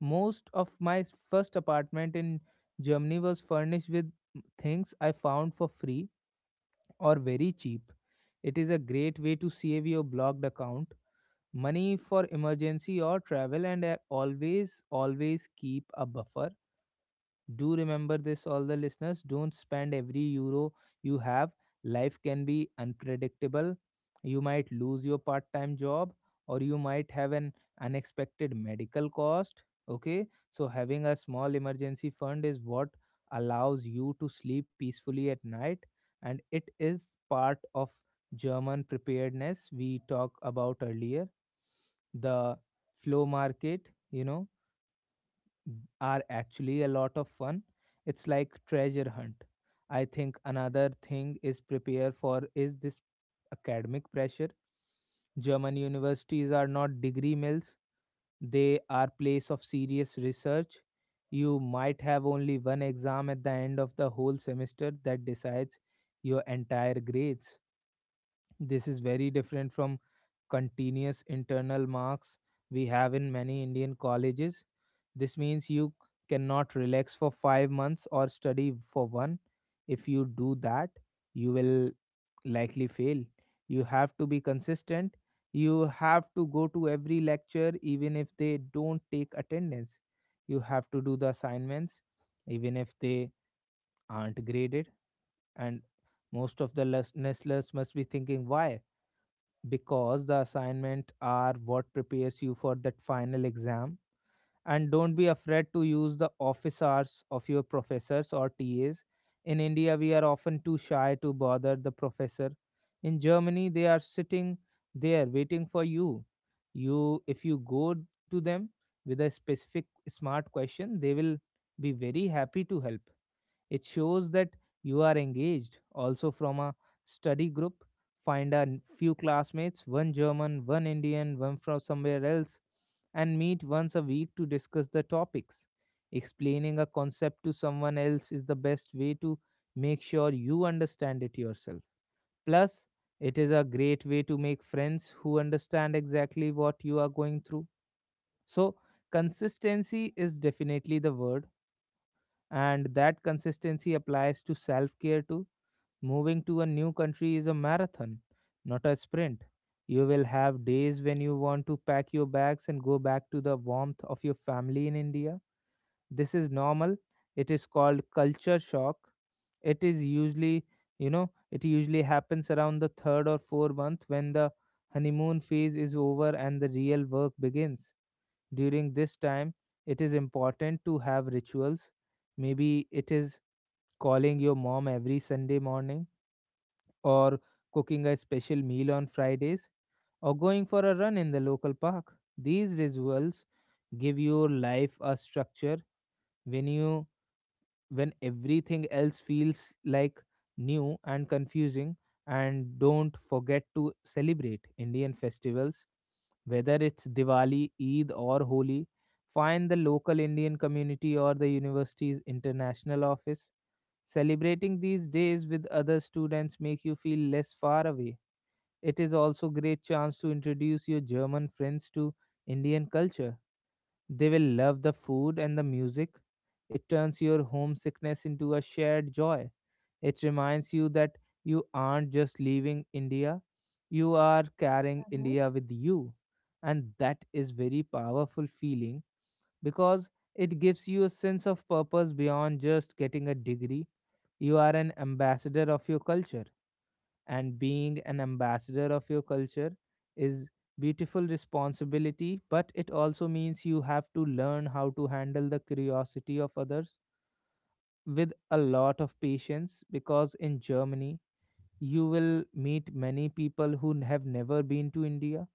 Speaker 1: Most of my first apartment in Germany was furnished with things I found for free or very cheap. It is a great way to save your blocked account, money for emergency or travel, and always, always keep a buffer. Do remember this, all the listeners. Don't spend every euro you have. Life can be unpredictable. You might lose your part time job or you might have an unexpected medical cost. Okay, so having a small emergency fund is what allows you to sleep peacefully at night, and it is part of German preparedness we talked about earlier. The flow market are actually a lot of fun. It's like treasure hunt. I think another thing is prepare for is this academic pressure. German universities are not degree mills, they are place of serious research. You might have only one exam at the end of the whole semester that decides your entire grades. This is very different from continuous internal marks we have in many Indian colleges. This means you cannot relax for 5 months or study for one. If you do that, you will likely fail. You have to be consistent. You have to go to every lecture, even if they don't take attendance. You have to do the assignments, even if they aren't graded. And most of the listeners must be thinking, why? Because the assignment are what prepares you for that final exam, and don't be afraid to use the office hours of your professors or TAs. In India, we are often too shy to bother the professor. In Germany, they are sitting there waiting for you. You, if you go to them with a specific smart question, they will be very happy to help. It shows that you are engaged. Also, from a study group, find a few classmates one German, one Indian, one from somewhere else and meet once a week to discuss the topics. Explaining a concept to someone else is the best way to make sure you understand it yourself. Plus, it is a great way to make friends who understand exactly what you are going through. So, consistency is definitely the word, and that consistency applies to self care too. Moving to a new country is a marathon, not a sprint. You will have days when you want to pack your bags and go back to the warmth of your family in India. This is normal. It is called culture shock. It is usually, you know, it usually happens around the third or fourth month when the honeymoon phase is over and the real work begins. During this time, it is important to have rituals. Maybe it is calling your mom every Sunday morning or cooking a special meal on Fridays, or going for a run in the local park. These rituals give your life a structure when you when everything else feels like new and confusing. And don't forget to celebrate Indian festivals, whether it's Diwali, Eid or Holi. Find the local Indian community or the university's international office. Celebrating these days with other students make you feel less far away. It is also great chance to introduce your German friends to Indian culture. They will love the food and the music. It turns your homesickness into a shared joy. It reminds you that you aren't just leaving India, you are carrying
Speaker 2: Mm-hmm.
Speaker 1: India with you. And that is very powerful feeling because it gives you a sense of purpose beyond just getting a degree. You are an ambassador of your culture, and being an ambassador of your culture is beautiful responsibility, but it also means you have to learn how to handle the curiosity of others with a lot of patience, because in Germany you will meet many people who have never been to India.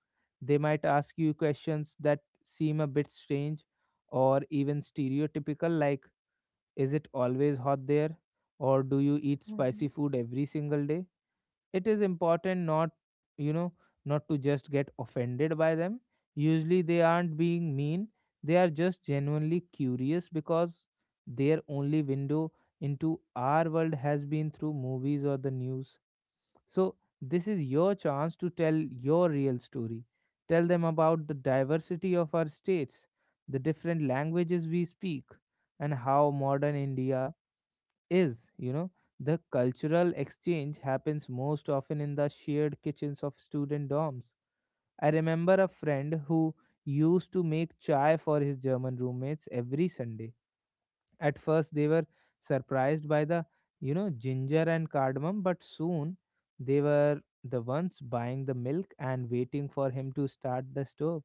Speaker 1: They might ask you questions that seem a bit strange or even stereotypical, like, is it always hot there, or do you eat spicy
Speaker 2: Hmm.
Speaker 1: food every single day? It is important not you know not to just get offended by them. Usually they aren't being mean, they are just genuinely curious, because their only window into our world has been through movies or the news. So this is your chance to tell your real story. Tell them about the diversity of our states, the different languages we speak, and how modern India is, you know The cultural exchange happens most often in the shared kitchens of student dorms. I remember a friend who used to make chai for his German roommates every Sunday. At first they were surprised by the, you know, ginger and cardamom, but soon they were the ones buying the milk and waiting for him to start the stove.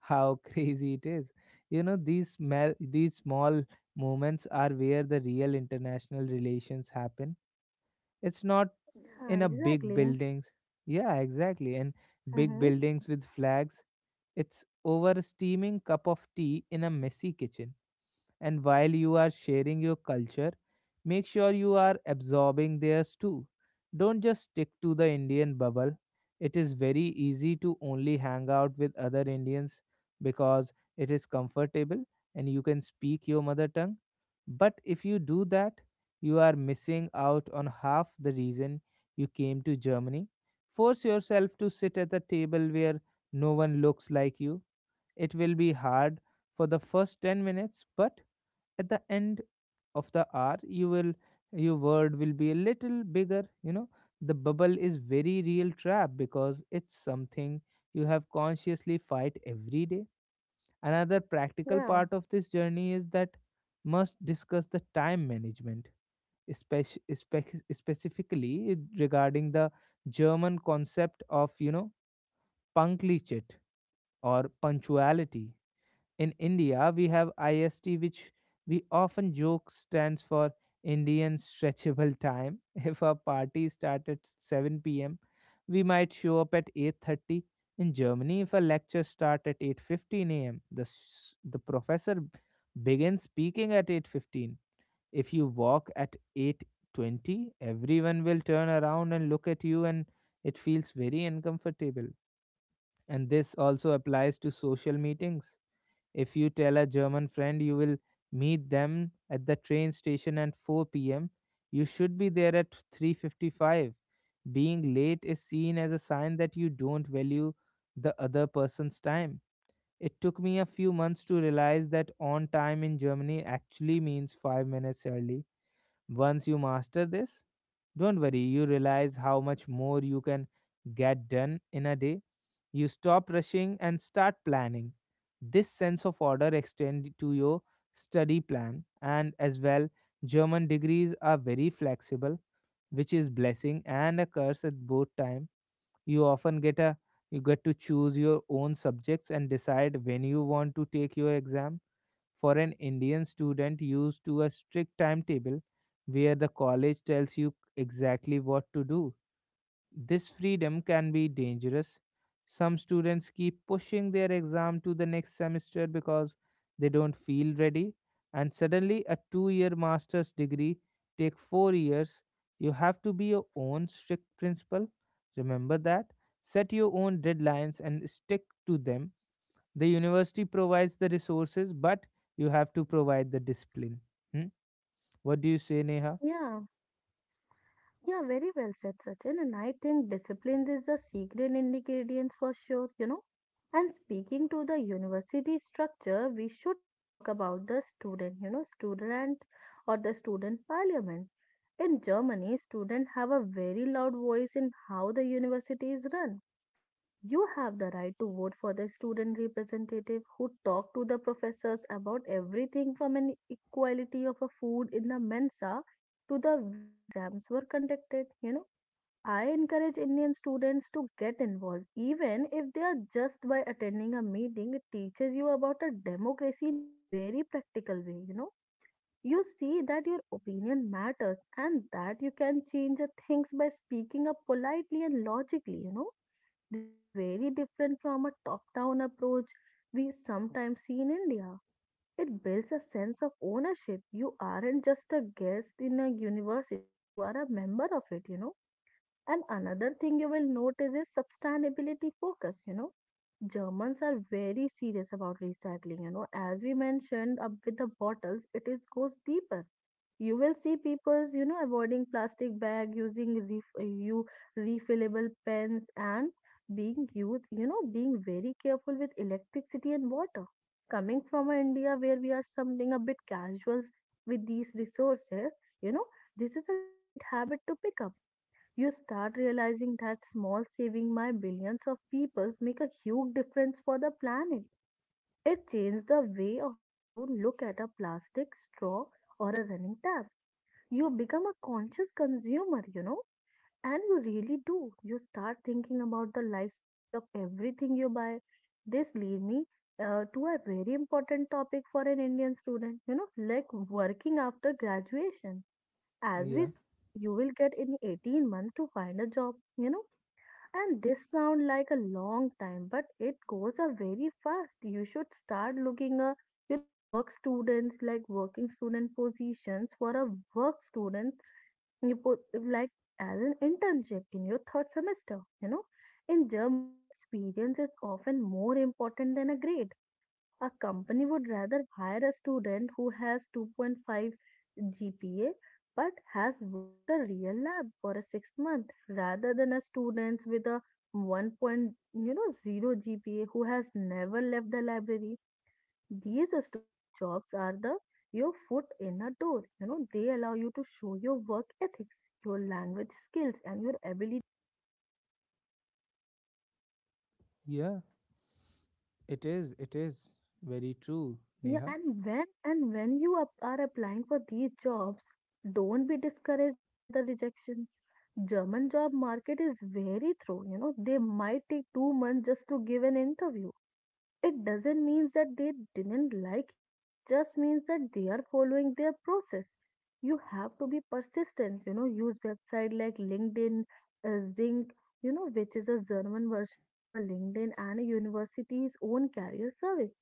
Speaker 1: How [LAUGHS] crazy it is, you know These small moments are where the real international relations happen. It's not
Speaker 2: Yeah,
Speaker 1: in a big
Speaker 2: exactly.
Speaker 1: buildings. Yeah, exactly. And big
Speaker 2: Mm-hmm.
Speaker 1: buildings with flags. It's over a steaming cup of tea in a messy kitchen. And while you are sharing your culture, make sure you are absorbing theirs too. Don't just stick to the Indian bubble. It is very easy to only hang out with other Indians, because it is comfortable and you can speak your mother tongue. But if you do that, you are missing out on half the reason you came to Germany. Force yourself to sit at the table where no one looks like you. It will be hard for the first 10 minutes, but at the end of the hour, your word will be a little bigger. The bubble is very real trap because it's something you have consciously fight every day. Another practical
Speaker 2: Yeah.
Speaker 1: part of this journey is that must discuss the time management specifically regarding the German concept of Punktlichkeit, or punctuality. In India, we have IST, which we often joke stands for Indian Stretchable Time. [LAUGHS] If a party starts at 7 p.m., we might show up at 8:30. In Germany, if a lecture starts at 8:15 a.m., the professor begins speaking at 8:15. If you walk at 8:20, everyone will turn around and look at you, and it feels very uncomfortable. And this also applies to social meetings. If you tell a German friend you will meet them at the train station at 4 p.m., you should be there at 3:55. Being late is seen as a sign that you don't value the other person's time. It took me a few months to realize that on time in Germany actually means 5 minutes early. Once you master this, don't worry, you realize how much more you can get done in a day. You stop rushing and start planning. This sense of order extends to your study plan and as well. German degrees are very flexible, which is blessing and a curse at both time. You often get a you get to choose your own subjects and decide when you want to take your exam. For an Indian student used to a strict timetable where the college tells you exactly what to do, this freedom can be dangerous. Some students keep pushing their exam to the next semester because they don't feel ready, and suddenly a 2 year master's degree take 4 years. You have to be your own strict principal. Remember that. Set your own deadlines and stick to them. The university provides the resources, but you have to provide the discipline. Hmm? What do you say, Neha?
Speaker 2: Yeah, yeah, very well said, Sachin. And I think discipline is the secret ingredient for sure. And speaking to the university structure, we should talk about the student, you know, student or the student parliament. In Germany, students have a very loud voice in how the university is run. You have the right to vote for the student representative who talk to the professors about everything from an equality of a food in the Mensa to the way exams were conducted. I encourage Indian students to get involved, even if they are just by attending a meeting. It teaches you about a democracy in a very practical way. You see that your opinion matters and that you can change the things by speaking up politely and logically. This is very different from a top down approach we sometimes see in India. It builds a sense of ownership. You aren't just a guest in a university, you are a member of it. And another thing you will notice is sustainability focus. Germans are very serious about recycling. As we mentioned up with the bottles, it is goes deeper. You will see people's, avoiding plastic bag, using ref- you refillable pens, and being used, being very careful with electricity and water. Coming from a India where we are something a bit casual with these resources you know this is a great habit to pick up. You start realizing that small saving by billions of peoples make a huge difference for the planet. It changed the way of you look at a plastic straw or a running tap. You become a conscious consumer, and you really do. You start thinking about the life cycle of everything you buy. This lead me to a very important topic for an Indian student, like working after graduation. As
Speaker 1: Yeah,
Speaker 2: we said, you will get in 18 months to find a job. And this sound like a long time, but it goes a very fast. You should start looking a, work students like working student positions for a work student you put like as an internship in your third semester. In Germany, experience is often more important than a grade. A company would rather hire a student who has 2.5 GPA but has worked a real lab for a 6 month rather than a student with a 1. Point, 0 GPA who has never left the library. These student jobs are the your foot in a door. They allow you to show your work ethics, your language skills, and your ability.
Speaker 1: yeah, it is very true,
Speaker 2: Yeah,
Speaker 1: Neha.
Speaker 2: and when you are applying for these jobs, don't be discouraged by the rejections. German job market is very thorough. They might take 2 months just to give an interview. It doesn't mean that they didn't like you, it just means that they are following their process. You have to be persistent, use website like LinkedIn, Zinc, which is a German version of a LinkedIn and a university's own career service.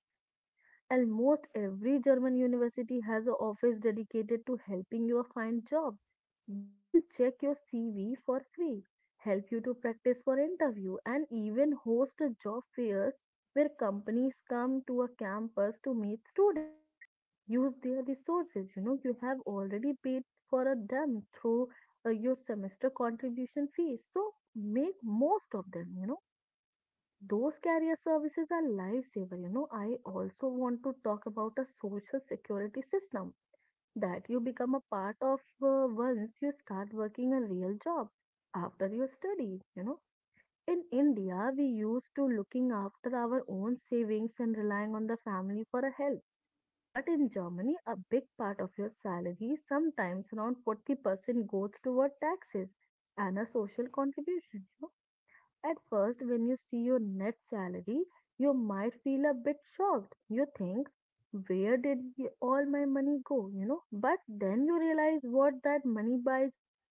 Speaker 2: Almost every German university has an office dedicated to helping you find job. They will check your CV for free, help you to practice for interview, and even host a job fairs where companies come to a campus to meet students. Use their resources. You have already paid for a them through your semester contribution fees. So make most of them. Those carrier services are lifesaver. I also want to talk about a social security system that you become a part of once you start working a real job after your study. In India, we used to looking after our own savings and relying on the family for a help. But in Germany, a big part of your salary, sometimes around 40%, goes toward taxes and a social contribution. At first, when you see your net salary, you might feel a bit shocked. You think, where did all my money go? But then you realize what that money buys you.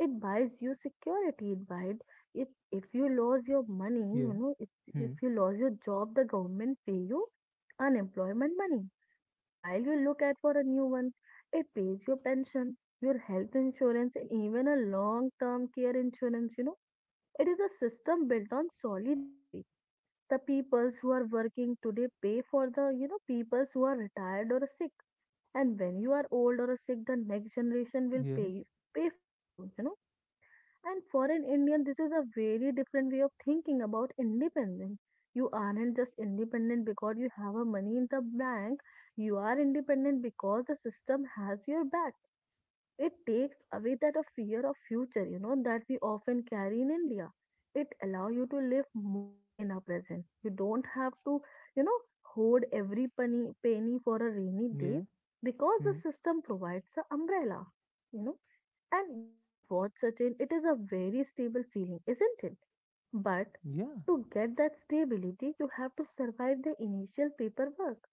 Speaker 2: It buys you security. It buys if you lose your money,
Speaker 1: Yeah,
Speaker 2: you know, if
Speaker 1: hmm,
Speaker 2: if you lose your job, the government pay you unemployment money. While you look at for a new one, it pays your pension, your health insurance, and even a long-term care insurance. It is a system built on solidarity. The peoples who are working today pay for the, peoples who are retired or sick. And when you are old or sick, the next generation will
Speaker 1: yeah,
Speaker 2: pay you, pay for you, you know. And for an Indian, this is a very different way of thinking about independence. You aren't just independent because you have a money in the bank. You are independent because the system has your back. It takes away that a fear of future, that we often carry in India. It allow you to live more in our present. You don't have to, you know, hoard every penny for a rainy
Speaker 1: yeah,
Speaker 2: day because the
Speaker 1: hmm,
Speaker 2: system provides an umbrella, you know. And you know what, Sachin, it is a very stable feeling, isn't it? But
Speaker 1: yeah,
Speaker 2: to get that stability, you have to survive the initial paperwork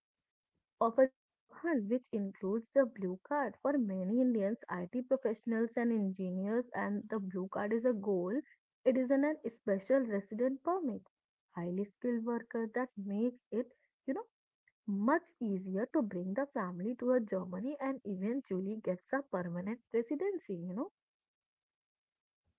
Speaker 2: of a job hunt, which includes the blue card. For many Indians, IT professionals and engineers, and the blue card is a goal. It is an special resident permit for a highly skilled worker that makes it, you know, much easier to bring the family to a Germany and eventually gets a permanent residency.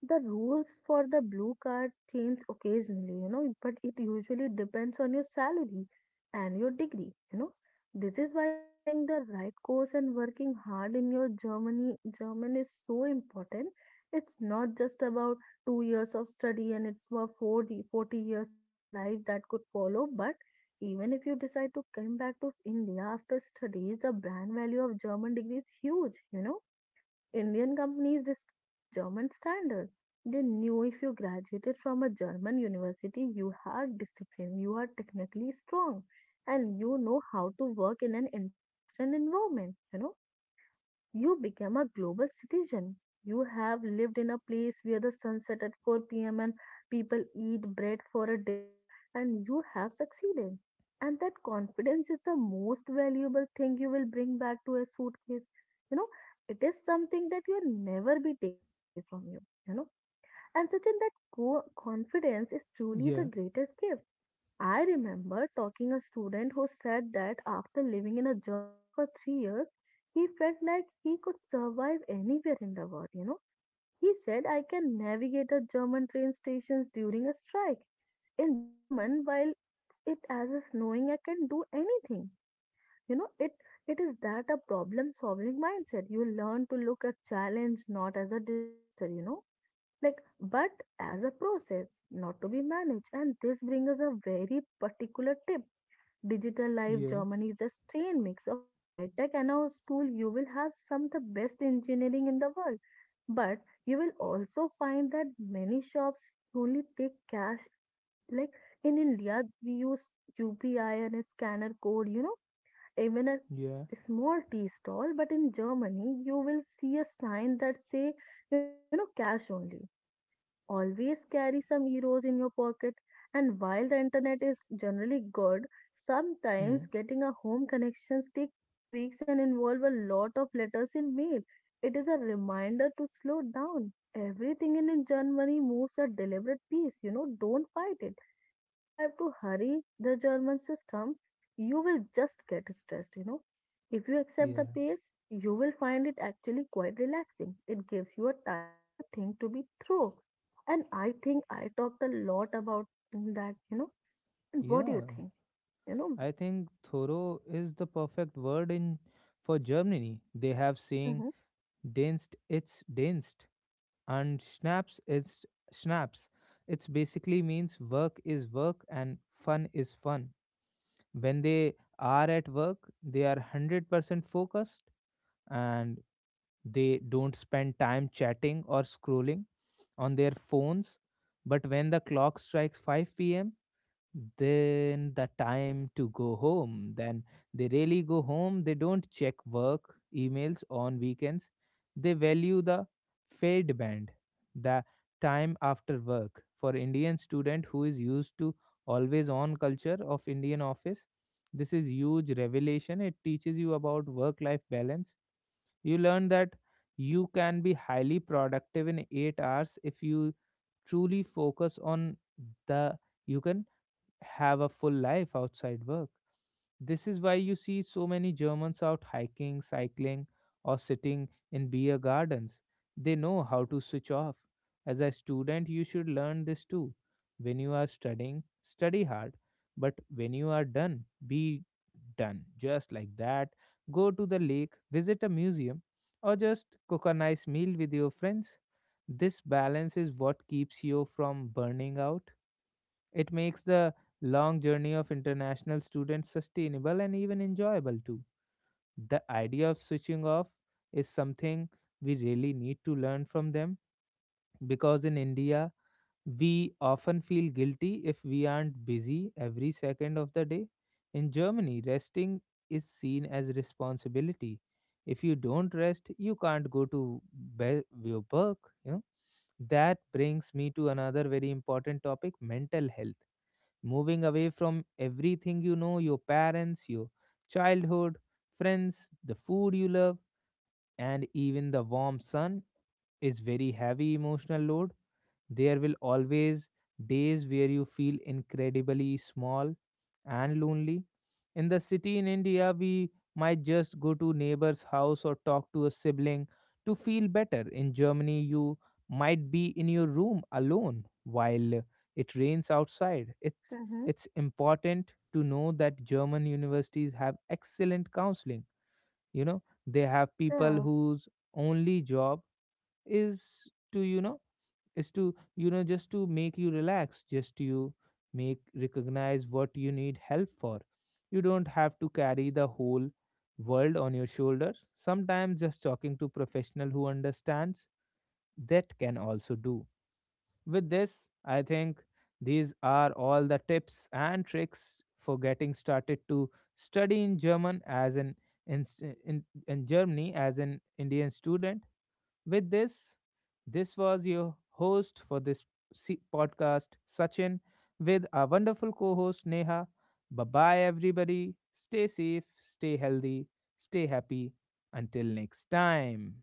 Speaker 2: The rules for the blue card change occasionally, but it usually depends on your salary and your degree. This is why choosing the right course and working hard in your German is so important. It's not just about 2 years of study and it's about forty years of a life that could follow, but even if you decide to come back to India after studies, the brand value of German degree is huge. Indian companies respect the German standard. They knew if you graduated from a German university, you are disciplined, you are technically strong, and you know how to work in an international environment, you know. You became a global citizen. You have lived in a place where the sun set at 4 p.m. and people eat bread for a dinner, and you have succeeded. And that confidence is the most valuable thing you will bring back to a suitcase. You know, it is something that will never be taken away from you. You know, and such in that confidence is truly the
Speaker 1: yeah,
Speaker 2: greatest gift. I remember talking a student who said that after living in a Germany for 3 years, he felt like he could survive anywhere in the world. He said, I can navigate a German train stations during a strike. In German, while it as is snowing, I can do anything. You know, it it is that a problem solving mindset. You learn to look at challenge not as a disaster, like but as a process, not to be managed. And this brings us a very particular tip. Digital Life
Speaker 1: yeah,
Speaker 2: Germany is a strange mix of a high tech and a school. You will have some of the best engineering in the world, but you will also find that many shops only take cash. Like in India, we use UPI and a scanner code, even a
Speaker 1: yeah,
Speaker 2: small tea stall. But in Germany, you will see a sign that say, cash only. Always carry some euros in your pocket. And while the internet is generally good, sometimes
Speaker 1: hmm,
Speaker 2: getting a home connections take 2 weeks and involve a lot of letters in mail. It is a reminder to slow down. Everything in Germany moves at deliberate pace. Don't fight it. If you try to hurry the German system, you will just get stressed. If you accept the
Speaker 1: yeah,
Speaker 2: pace, you will find it actually quite relaxing. It gives you a time to think to be through and I think I talked a lot about that. And what do you
Speaker 1: yeah.
Speaker 2: think? You know,
Speaker 1: I think thorough is the perfect word in for Germany. They have
Speaker 2: Mm-hmm.
Speaker 1: saying "denst, it's denst," and snaps is snaps. It basically means work is work and fun is fun. When they are at work, they are 100% focused, and they don't spend time chatting or scrolling on their phones. But when the clock strikes 5 p.m., then the time to go home, then they really go home. They don't check work emails on weekends. They value the fade band, the time after work. For indian student who is used to always on culture of indian office, this is huge revelation. It teaches you about work life balance. You learn that you can be highly productive in 8 hours if you truly focus on the you can have a full life outside work. This is why you see so many Germans out hiking, cycling, or sitting in beer gardens. They know how to switch off. As a student, you should learn this too. When you are studying, study hard. But when you are done, be done. Just like that. Go to the lake, visit a museum, or just cook a nice meal with your friends. This balance is what keeps you from burning out. It makes the long journey of international students sustainable and even enjoyable too. The idea of switching off is something we really need to learn from them, because in India, we often feel guilty if we aren't busy every second of the day. In Germany, resting is seen as responsibility. If you don't rest, you can't go to your work. You know? That brings me to another very important topic, mental health. Moving away from everything you know, your parents, your childhood, friends, the food you love, and even the warm sun is very heavy emotional load. There will always days where you feel incredibly small and lonely. In the city in India, we might just go to neighbor's house or talk to a sibling to feel better. In Germany, you might be in your room alone while it rains outside. It
Speaker 2: Mm-hmm.
Speaker 1: it's important to know that German universities have excellent counseling. You know, they have people
Speaker 2: Yeah.
Speaker 1: whose only job is to you know is to you know just to make you relax, just you make recognize what you need help for. You don't have to carry the whole world on your shoulders. Sometimes just talking to professional who understands that can also do. With this, I think these are all the tips and tricks for getting started to study in german as an in, in germany as an indian student. With this, this was your host for this podcast, Sachin, with our wonderful co host, Neha. Bye bye, everybody. Stay safe, stay healthy, stay happy. Until next time.